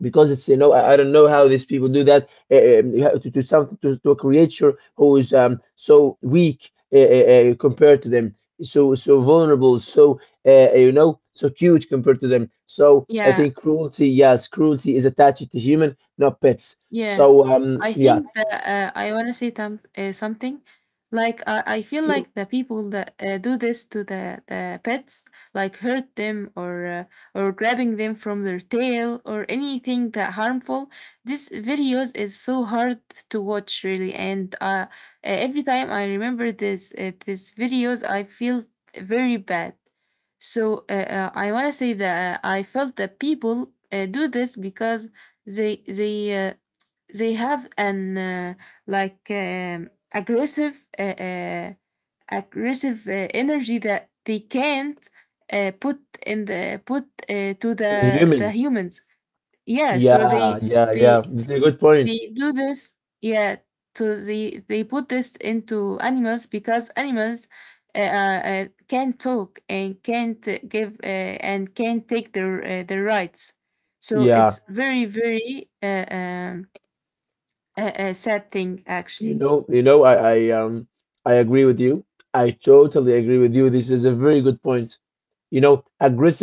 A: because it's you know I don't know how these people do that uh, um, to something to a creature who is so weak, compared to them, so vulnerable, so so cute compared to them. So I
B: yeah,
A: think cruelty, yes, cruelty is attached to human, not pets.
B: yeah,
A: So
B: I
A: yeah,
B: think that I want to say something. Like I feel
A: sure,
B: like the people that do this to the pets, like hurt them, or grabbing them from their tail, or anything that harmful. This videos is so hard to watch, really, and every time I remember this videos, I feel very bad. I want to say that I felt that people do this because they they uh, they have an like aggressive aggressive energy that they can't put in the put to
A: and
B: the
A: human.
B: humans. Yeah, so
A: Yeah, yeah, yeah.
B: they
A: That's a good point.
B: they do this. Yeah, so they put this into animals because animals can't talk and can't give and can't take their their rights. So
A: Yeah.
B: it's very a sad thing,
A: You
B: actually.
A: know, I agree with you. I totally agree with you. This is a very good point. You know,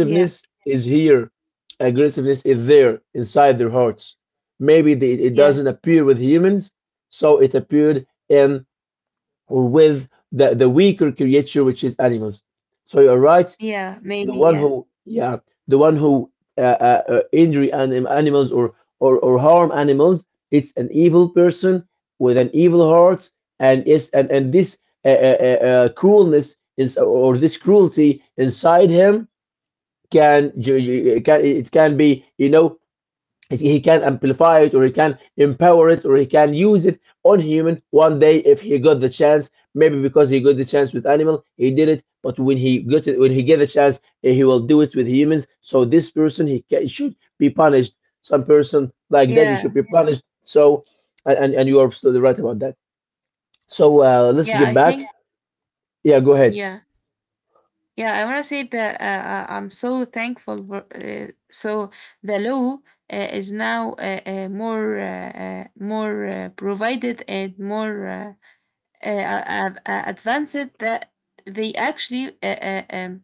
B: Yeah,
A: is here. Aggressiveness is there inside their hearts. Maybe it
B: yeah,
A: doesn't appear with humans, so it appeared in or with the weaker creature, which is animals. So you're right.
B: yeah.
A: The
B: Maybe.
A: one
B: Yeah,
A: who, yeah, the one who injury animals, or harm animals. It's an evil person with an evil heart, and is and this cruelness is, or this cruelty inside him, can can it can be, you know, he can amplify it or he can empower it or he can use it on human one day if he got the chance. Maybe because he got the chance with animal he did it, but when he got it, when he get the chance, he will do it with humans. So this person, he should be punished. Some person like that, he
B: yeah,
A: should be punished. So And you are absolutely right about that. So let's
B: yeah,
A: get
B: I
A: back.
B: think.
A: Yeah, go ahead.
B: Yeah, yeah, I want to say that I'm so thankful for, so the law is now more more provided and more advanced that they actually uh, uh, um,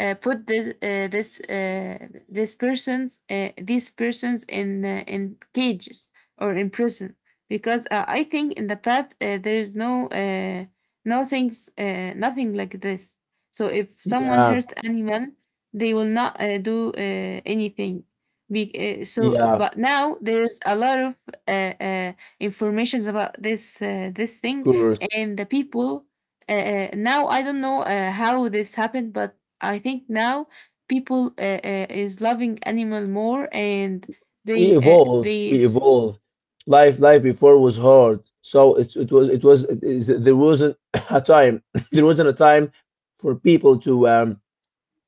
B: uh, put this this this persons these persons in cages or in prison, because I think in the past there is no no things nothing like this. So if someone
A: Yeah,
B: hurts animal, they will not do anything. So
A: yeah,
B: but now there is a lot of uh, uh, informations about this this
A: of
B: thing,
A: course.
B: and the people now I don't know how this happened, but I think now people is loving animal more, and
A: We
B: they uh,
A: evolve,
B: they
A: we
B: s-
A: evolve. Life, life before was hard, so it was it was it is- there wasn't a time there wasn't a time for people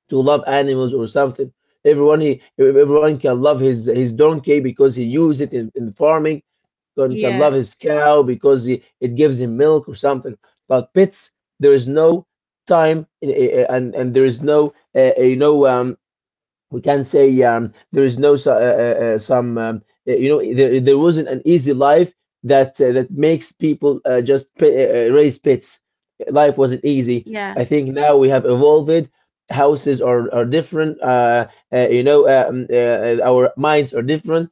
A: to love animals or something. Everyone can love his donkey because he used it in farming, and can love
B: yeah,
A: his cow because it gives him milk or something. But pets, there is no time, and there is no uh, you know um we can say there is no so- some you know there, there wasn't an easy life, that that makes people just raise pits. Life wasn't easy.
B: yeah,
A: I think now we have evolved. Houses are different, uh, you know uh, um, uh, our minds are different.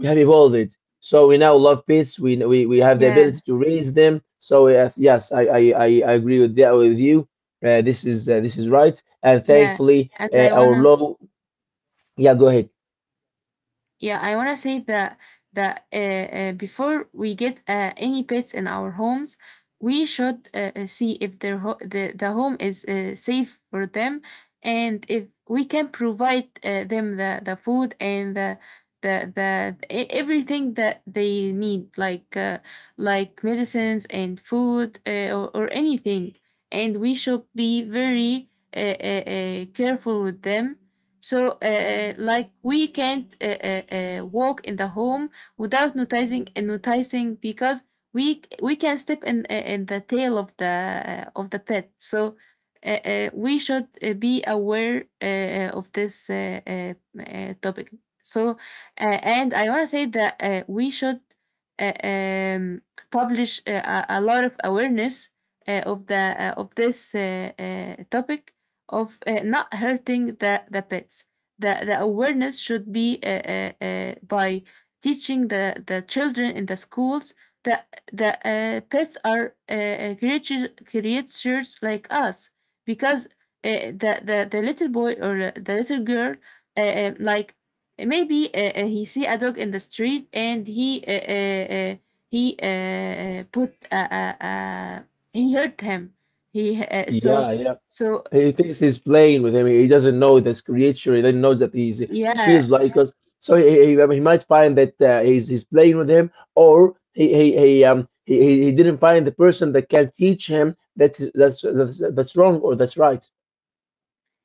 A: We have evolved, so we now love pits. We have the
B: yeah,
A: ability to raise them. So yes, I agree with that with you. This is, this is right, and
B: yeah,
A: thankfully
B: and I
A: our
B: wanna.
A: law. Yeah, go ahead.
B: Yeah, I want to say that before we get any pets in our homes, we should see if the home is safe for them, and if we can provide them the food and the everything that they need, like medicines and food or anything, and we should be very careful with them. So, like we can't walk in the home without noticing and noticing, because we can step in the tail of the pet. So, we should be aware of this topic. So, and I want to say that we should uh, um, publish a lot of awareness of the of this topic of not hurting the pets. The awareness should be by teaching the children in the schools, that the pets are creatures like us, because the little boy or the little girl like maybe he see a dog in the street, and he put he hurt him. He
A: Yeah,
B: So
A: yeah.
B: so.
A: He thinks he's playing with him. He doesn't know this creature. He doesn't know that he's. He feels
B: Yeah,
A: like us. So he might find that he's playing with him, or he didn't find the person that can teach him that that's wrong or that's right.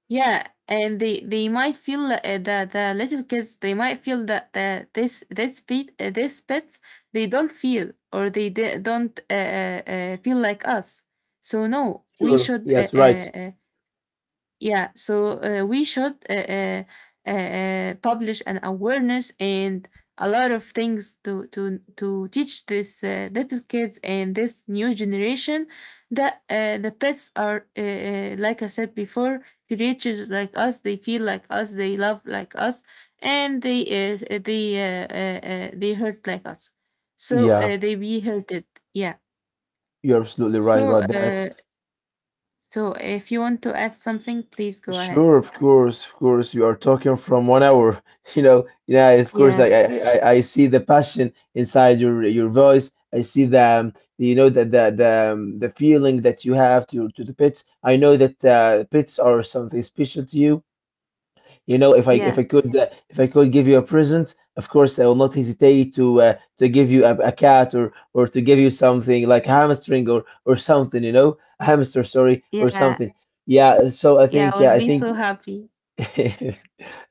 B: yeah, and they might feel that the little kids, they might feel that this pets, they don't feel, or they d don't feel like us. So no, we
A: Sure.
B: should
A: Yes, right.
B: yeah, so we should publish an awareness and a lot of things to to teach this little kids and this new generation, that the pets are like I said before, creatures like us. They feel like us. They love like us, and they hurt like us. So
A: Yeah,
B: they be hurted. Yeah.
A: you're absolutely right
B: So
A: about that.
B: so if you want to add something, please go ahead.
A: Sure, of course, of course. You are talking from 1 hour. You know, yeah, of course.
B: Yeah.
A: I see the passion inside your voice. I see the, you know, the feeling that you have to the pets. I know that pets are something special to you. You know,
B: Yeah,
A: if I could give you a present, of course, I will not hesitate to give you a cat, or to give you something like a hamstring or something. You know, a hamster, sorry, or
B: yeah,
A: something. Yeah, so I
B: yeah, I
A: think yeah,
B: would
A: I
B: be
A: think.
B: so happy.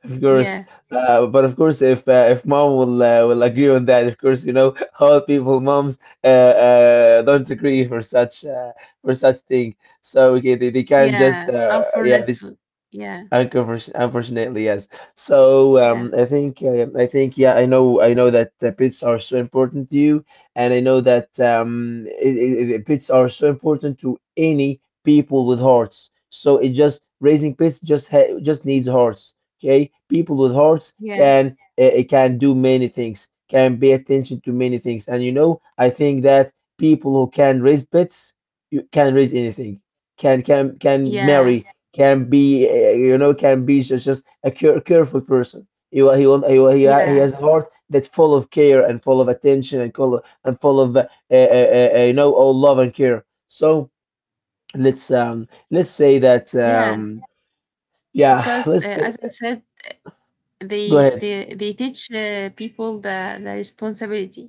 A: Of course,
B: Yeah,
A: but of course, if mom will agree on that, of course, you know, all people moms, uh, don't agree for such thing. So okay, they can't just
B: yeah, I'm
A: yeah they.
B: Unfurnished food. Yeah,
A: Unconfort-, unfortunately, yes. So
B: yeah,
A: I think yeah, I know, I know that pets are so important to you, and I know that pets are so important to any people with hearts. So it, just raising pets just ha just needs hearts. Okay, people with hearts
B: yeah,
A: can it can do many things, can pay attention to many things, and you know I think that people who can raise pets, you can raise anything, can
B: yeah,
A: marry, can be, you know, can be just careful person. He wa- he wa- he wa- he ha- He
B: yeah,
A: has a heart that's full of care and full of attention and full of you know, all love and care. So let's say that
B: yeah.
A: yeah,
B: Because,
A: let's say,
B: as I said,
A: go
B: they
A: ahead.
B: they they teach people the responsibility.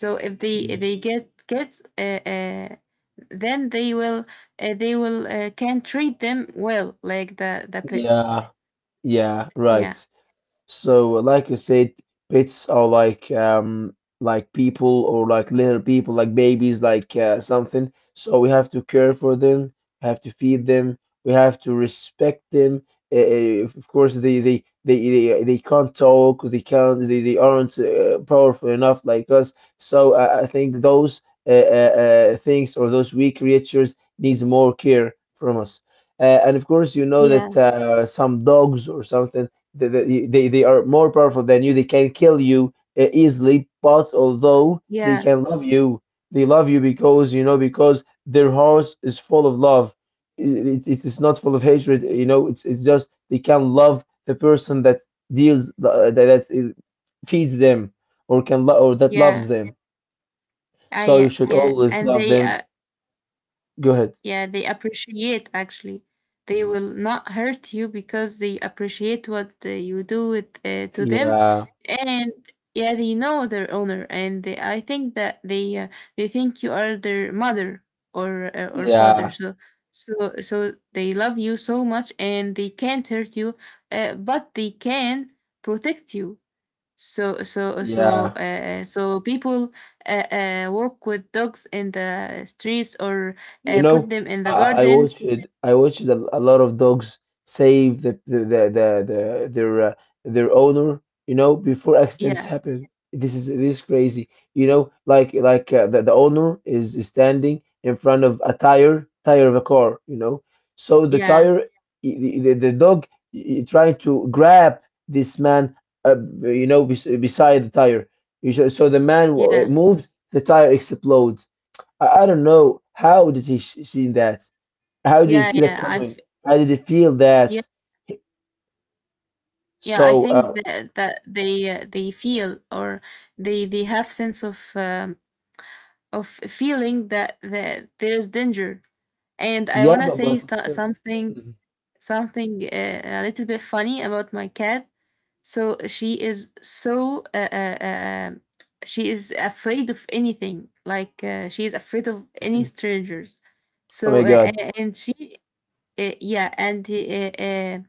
B: So if they, if
A: Mm,
B: they get kids, then they will can treat them well, like the pets.
A: yeah, yeah, right.
B: Yeah,
A: So, like you said, pets are like people, or like little people, like babies, like something. So we have to care for them, have to feed them, we have to respect them. Of course, they can't talk, they can't they aren't powerful enough like us. So I think those things, or those weak creatures, needs more care from us. And of course, you know
B: yeah,
A: that some dogs or something they are more powerful than you. They can kill you easily, but although they
B: yeah,
A: can love you, they love you because, you know, because their hearts is full of love. It, it is not full of hatred, you know, it's just they can love the person that deals, that, that feeds them or can lo or that
B: yeah.
A: loves them.
B: Ah,
A: So you
B: yeah,
A: should
B: yeah.
A: always
B: And
A: love
B: they
A: them. Go ahead.
B: Yeah, they appreciate, actually. They Mm. will not hurt you, because they appreciate what you do with, to them,
A: Yeah,
B: and yeah, they know their owner, and they, I think that they think you are their mother or or father.
A: yeah,
B: So so so they love you so much, and they can't hurt you, but they can protect you. So
A: yeah.
B: so people uh, walk with dogs in the streets, or
A: You
B: put
A: know,
B: them in the
A: I, I watched
B: gardens.
A: I watched a lot of dogs save the their owner. You know, before accidents
B: Yeah,
A: happen. This is crazy. You know, like the owner is standing in front of a tire of a car. You know, so the
B: yeah,
A: tire the dog trying to grab this man. Uh, you know, beside the tire. So the man
B: yeah,
A: moves, the tire explodes. I don't know how did he see that? How did he
B: yeah,
A: see that
B: yeah.
A: coming? How did he feel
B: Yeah,
A: that?
B: yeah. I
A: So
B: think
A: uh,
B: that that they feel, or they have sense of feeling that that there's danger. And I
A: yeah,
B: wanna
A: but
B: say
A: it's still,
B: something,
A: mhm.
B: something a little bit funny about my cat. So she is afraid of anything. Like she is afraid of any strangers.
A: Oh
B: So
A: my God,
B: and she yeah, and he, uh, uh,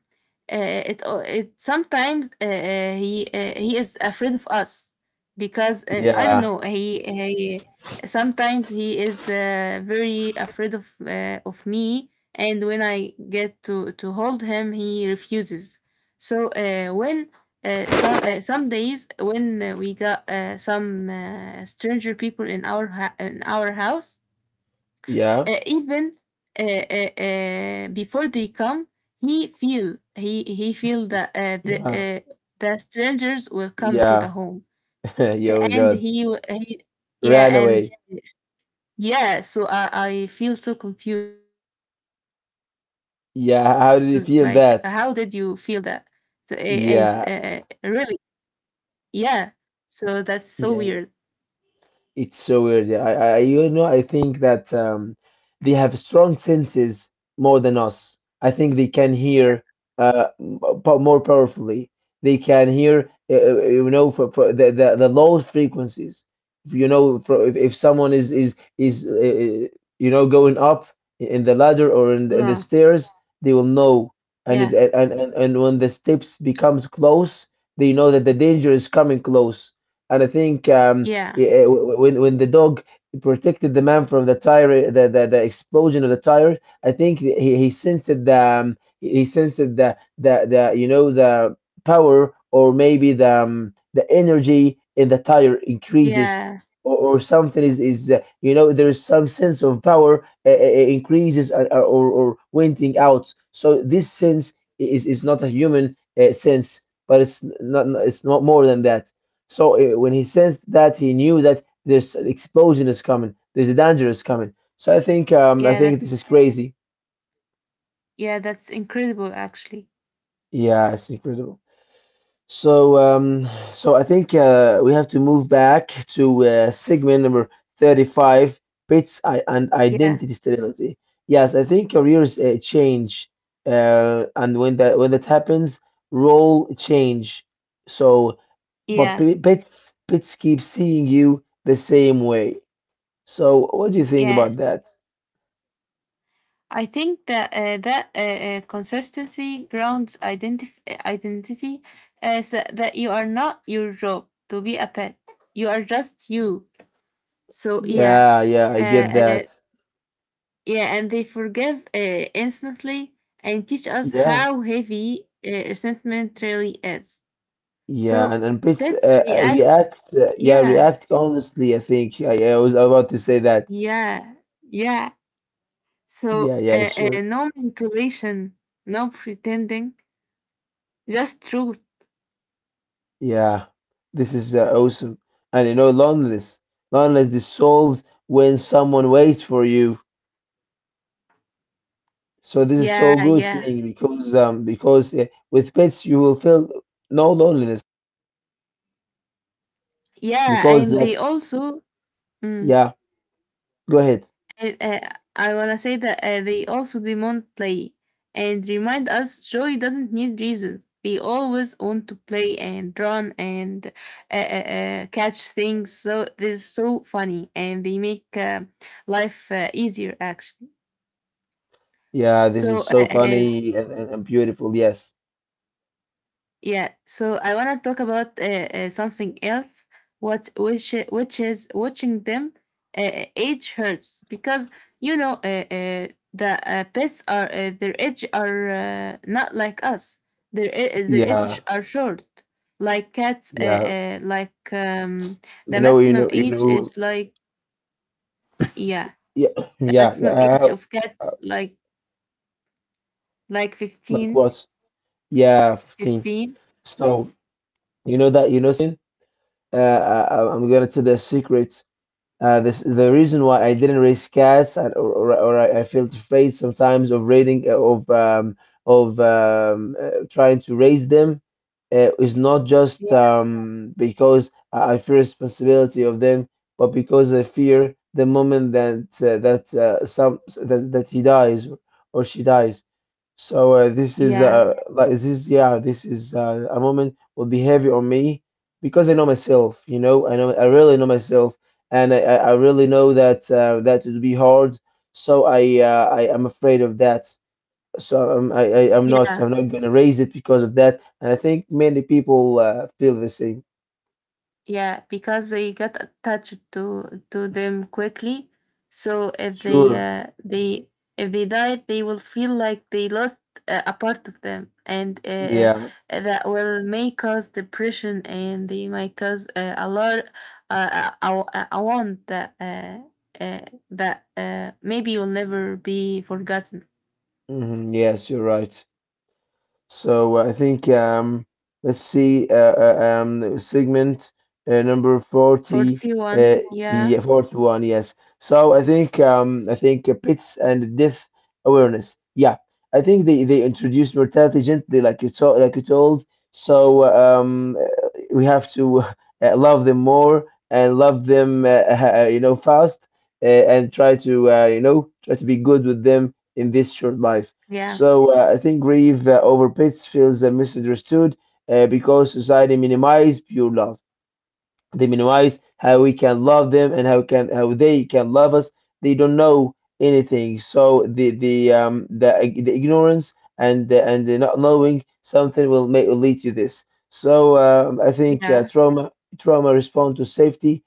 B: uh, it it sometimes he is afraid of us, because I don't
A: yeah,
B: know, he sometimes he is very afraid of me, and when I get to hold him, he refuses. So when so, some days when we got some stranger people in in our house,
A: yeah,
B: even before they come, he feel that
A: yeah,
B: the strangers will come to the
A: yeah,
B: home, so,
A: yeah, oh my
B: and
A: God,
B: he yeah,
A: ran
B: and
A: away.
B: yeah, so I feel so confused, like how did you feel that?
A: Yeah,
B: So,
A: how did he feel
B: and
A: that?
B: really,
A: Yeah,
B: yeah, so that's so weird.
A: yeah, yeah. It's so weird. Yeah. You know, I think that they have strong senses more than us. I think they can hear uh, m- more powerfully. They can hear, you know, for the lowest frequencies. You know, for, if someone is you know going up in the ladder or in the
B: Yeah,
A: stairs, they will know. And, it,
B: yeah,
A: and when the steps becomes close, they know that the danger is coming close. And I think
B: yeah,
A: yeah, when the dog protected the man from the tire, the explosion of the tire, I think he sensed the he sensed the you know the power or maybe the energy in the tire increases.
B: yeah,
A: Or something is you know there is some sense of power increases or venting out. So this sense is not a human sense, but it's not more than that. So when he sensed that, he knew that there's an explosion is coming. There's a danger is coming. So I
B: yeah,
A: think this
B: that's
A: is crazy.
B: yeah, that's incredible, actually.
A: Yeah, it's incredible. So I think we have to move back to segment number 35, bits I and
B: Yeah,
A: identity stability. Yes, I think careers change, and when that happens, role change. So, but
B: yeah,
A: bits keep seeing you the same way. So, what do you think
B: yeah,
A: about that?
B: I think that consistency grounds identity, as that you are not your job to be a pet. You are just you. So yeah,
A: Yeah, yeah,
B: uh,
A: I get
B: uh,
A: that.
B: yeah, and they forgive instantly, and teach us
A: Yeah,
B: how heavy resentment really is.
A: yeah,
B: So
A: and Pitts
B: pets react.
A: react. Yeah,
B: Yeah,
A: react honestly. I think I was about to say that.
B: yeah, yeah.
A: Yeah,
B: So
A: yeah, sure.
B: no manipulation, no pretending, just truth.
A: Yeah, this is awesome. And you know, loneliness, loneliness dissolves when someone waits for you. So this is so
B: Yeah,
A: good
B: yeah,
A: thing because with pets you will feel no loneliness
B: yeah,
A: because
B: and they
A: that,
B: also, mm,
A: yeah. Go ahead.
B: I wanna say that they also demand play, and remind us joy doesn't need reasons. We always want to play and run and catch things. So they're so funny, and they make life easier, actually.
A: Yeah, this is
B: So
A: so
B: and
A: funny and, and beautiful. Yes.
B: yeah, so I want to talk about something else, What which which is watching them age hurts, because you know the pets are, their age are not like us. Their age
A: Yeah.
B: are short, like cats.
A: Yeah.
B: Like the
A: You know, you
B: maximum
A: know, you
B: age
A: know.
B: is like yeah,
A: Yeah.
B: the
A: Yeah.
B: maximum
A: Yeah.
B: age
A: I-
B: of cats like
A: like
B: 15,
A: what? Yeah, 15.
B: 15.
A: So, you know that, you know, Sin? I'm going to tell the secret. This the reason why I didn't raise cats, and or I felt afraid sometimes of raiding of trying to raise them is not just
B: Yeah,
A: because I fear responsibility of them, but because I fear the moment that that he dies or she dies. So this is
B: yeah,
A: like this is yeah this is a moment will be heavy on me because I know myself, you know I really know myself and I really know that that would be hard. So I am afraid of that. So I'm, I I'm not
B: yeah.
A: gonna raise it because of that. And I think many people feel the same.
B: Yeah, because they get attached to them quickly. So if they
A: Sure.
B: uh, they if they died, they will feel like they lost a part of them, and
A: Yeah.
B: that will may cause depression, and they might cause a lot, uh, a, a wound that uh, that maybe will never be forgotten.
A: Hmm. Yes, you're right. So I think let's see, segment number 40,
B: Forty
A: uh,
B: one, yeah,
A: yeah, 41, yes. So I think pits and death awareness. Yeah, I think they introduced mortality gently, like you told, like you told. So we have to love them more and love them, you know, fast and try to you know try to be good with them in this short life.
B: yeah,
A: So I think grief over pets feels misunderstood because society minimizes pure love. They minimize how we can love them and how they can love us. They don't know anything, so the ignorance and and the not knowing something will lead to this. So I think
B: yeah,
A: trauma, trauma respond to safety,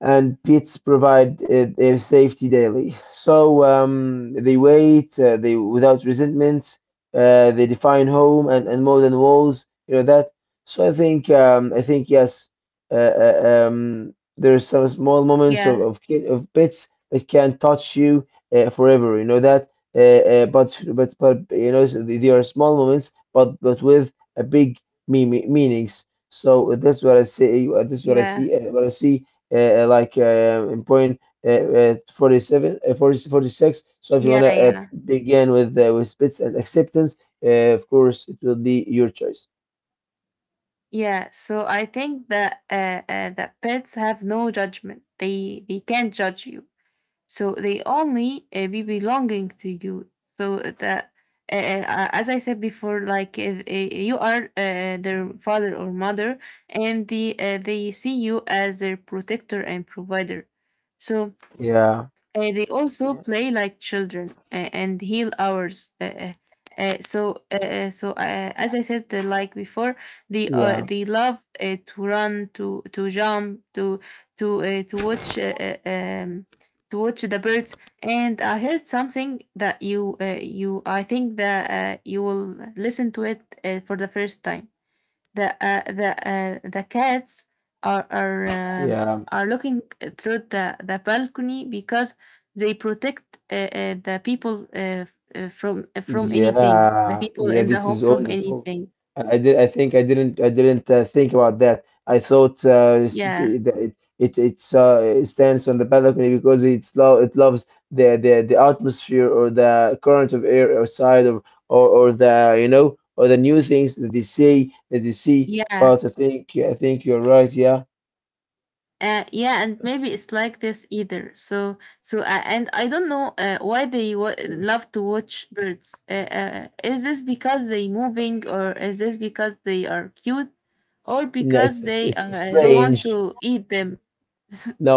A: and pits provide their safety daily. So they wait, they without resentment, they define home, and more than walls, you know that. So I think yes, there are some small moments of
B: yeah,
A: of, ki- of pits that can touch you forever, you know that. But You know so they are small moments, but with a big meanings. So that's what I say. That's what I
B: yeah,
A: see. What I see like in point 46. So if you want
B: yeah,
A: to
B: yeah.
A: begin with bits and acceptance of course it will be your choice.
B: Yeah, so I think that that pets have no judgment. They can't judge you. So they only be belonging to you. So that as I said before, like if, you are their father or mother, and they see you as their protector and provider. So
A: Yeah,
B: they also
A: yeah,
B: play like children, and heal ours. So, so as I said, like before,
A: yeah,
B: they love to run, to jump, to to uh, to watch uh, uh, um, to watch the birds. And I heard something that you, I think that you will listen to it for the first time. The cats are
A: yeah.
B: are looking through the balcony, because they protect the people from anything, the
A: Yeah,
B: people
A: yeah,
B: in the
A: this
B: home,
A: is all
B: from
A: the show.
B: anything.
A: And I did, I think I didn't think about that. I thought
B: Yeah,
A: it stands on the balcony because it loves the atmosphere or the current of air outside, or the, you know, or the new things that they see,
B: yeah.
A: But I think you're right. Yeah.
B: Yeah, and maybe it's like this either. So, so and I don't know why love to watch birds. Is this because they moving, or is this because they are cute, or
A: And
B: because
A: it's
B: they want
A: strange.
B: to eat them?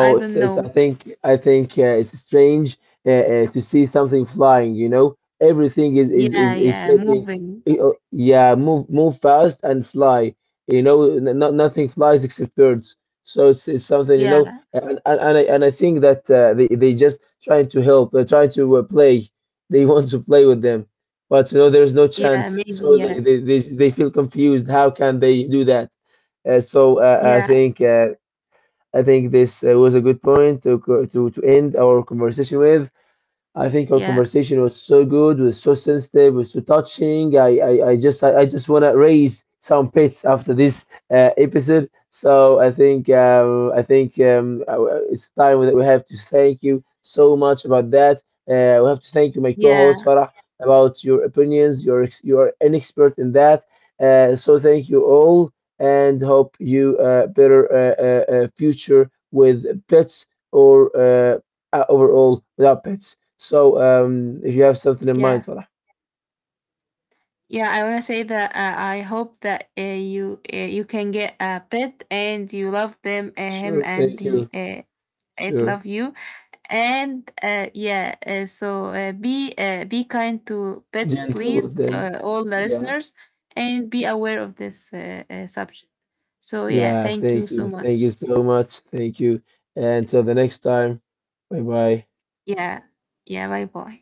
B: I don't
A: it's
B: know.
A: I think it's strange to see something flying, you know. Everything
B: Yeah,
A: is
B: yeah,
A: stating,
B: moving.
A: oh, yeah, move fast and fly. You know, not nothing flies except birds. So it's something, you know,
B: Yeah,
A: and I think that they just trying to help, they're trying to play. They want to play with them, but you know, there's no
B: yeah,
A: chance.
B: maybe.
A: So
B: Yeah,
A: they feel confused. How can they do that? Uh, so uh, I
B: yeah,
A: think uh, I think this was a good point to, to end our conversation with. I think our
B: yeah,
A: conversation was so good, was so sensitive, was so touching. I just want to raise some pets after this episode. So I think It's time that we have to thank you so much about that. We have to thank you, my co-host
B: yeah,
A: Farah, about your opinions. You're an expert in that. So thank you all, and hope you better future with pets or overall without pets. So if you have something in mind,
B: yeah.
A: Farah.
B: Yeah, I want to say that I hope that you you can get a pet, and you love them, him,
A: Sure,
B: and
A: thank you.
B: he it
A: Sure.
B: love you, and yeah. So be kind to pets,
A: Gentle with
B: please,
A: them.
B: all the
A: Yeah.
B: listeners, and be aware of this subject. So yeah,
A: Yeah,
B: thank you
A: thank
B: so
A: you. Thank you
B: much.
A: so much. Thank you. And until the next time. Bye bye.
B: Yeah, yeah. Bye bye.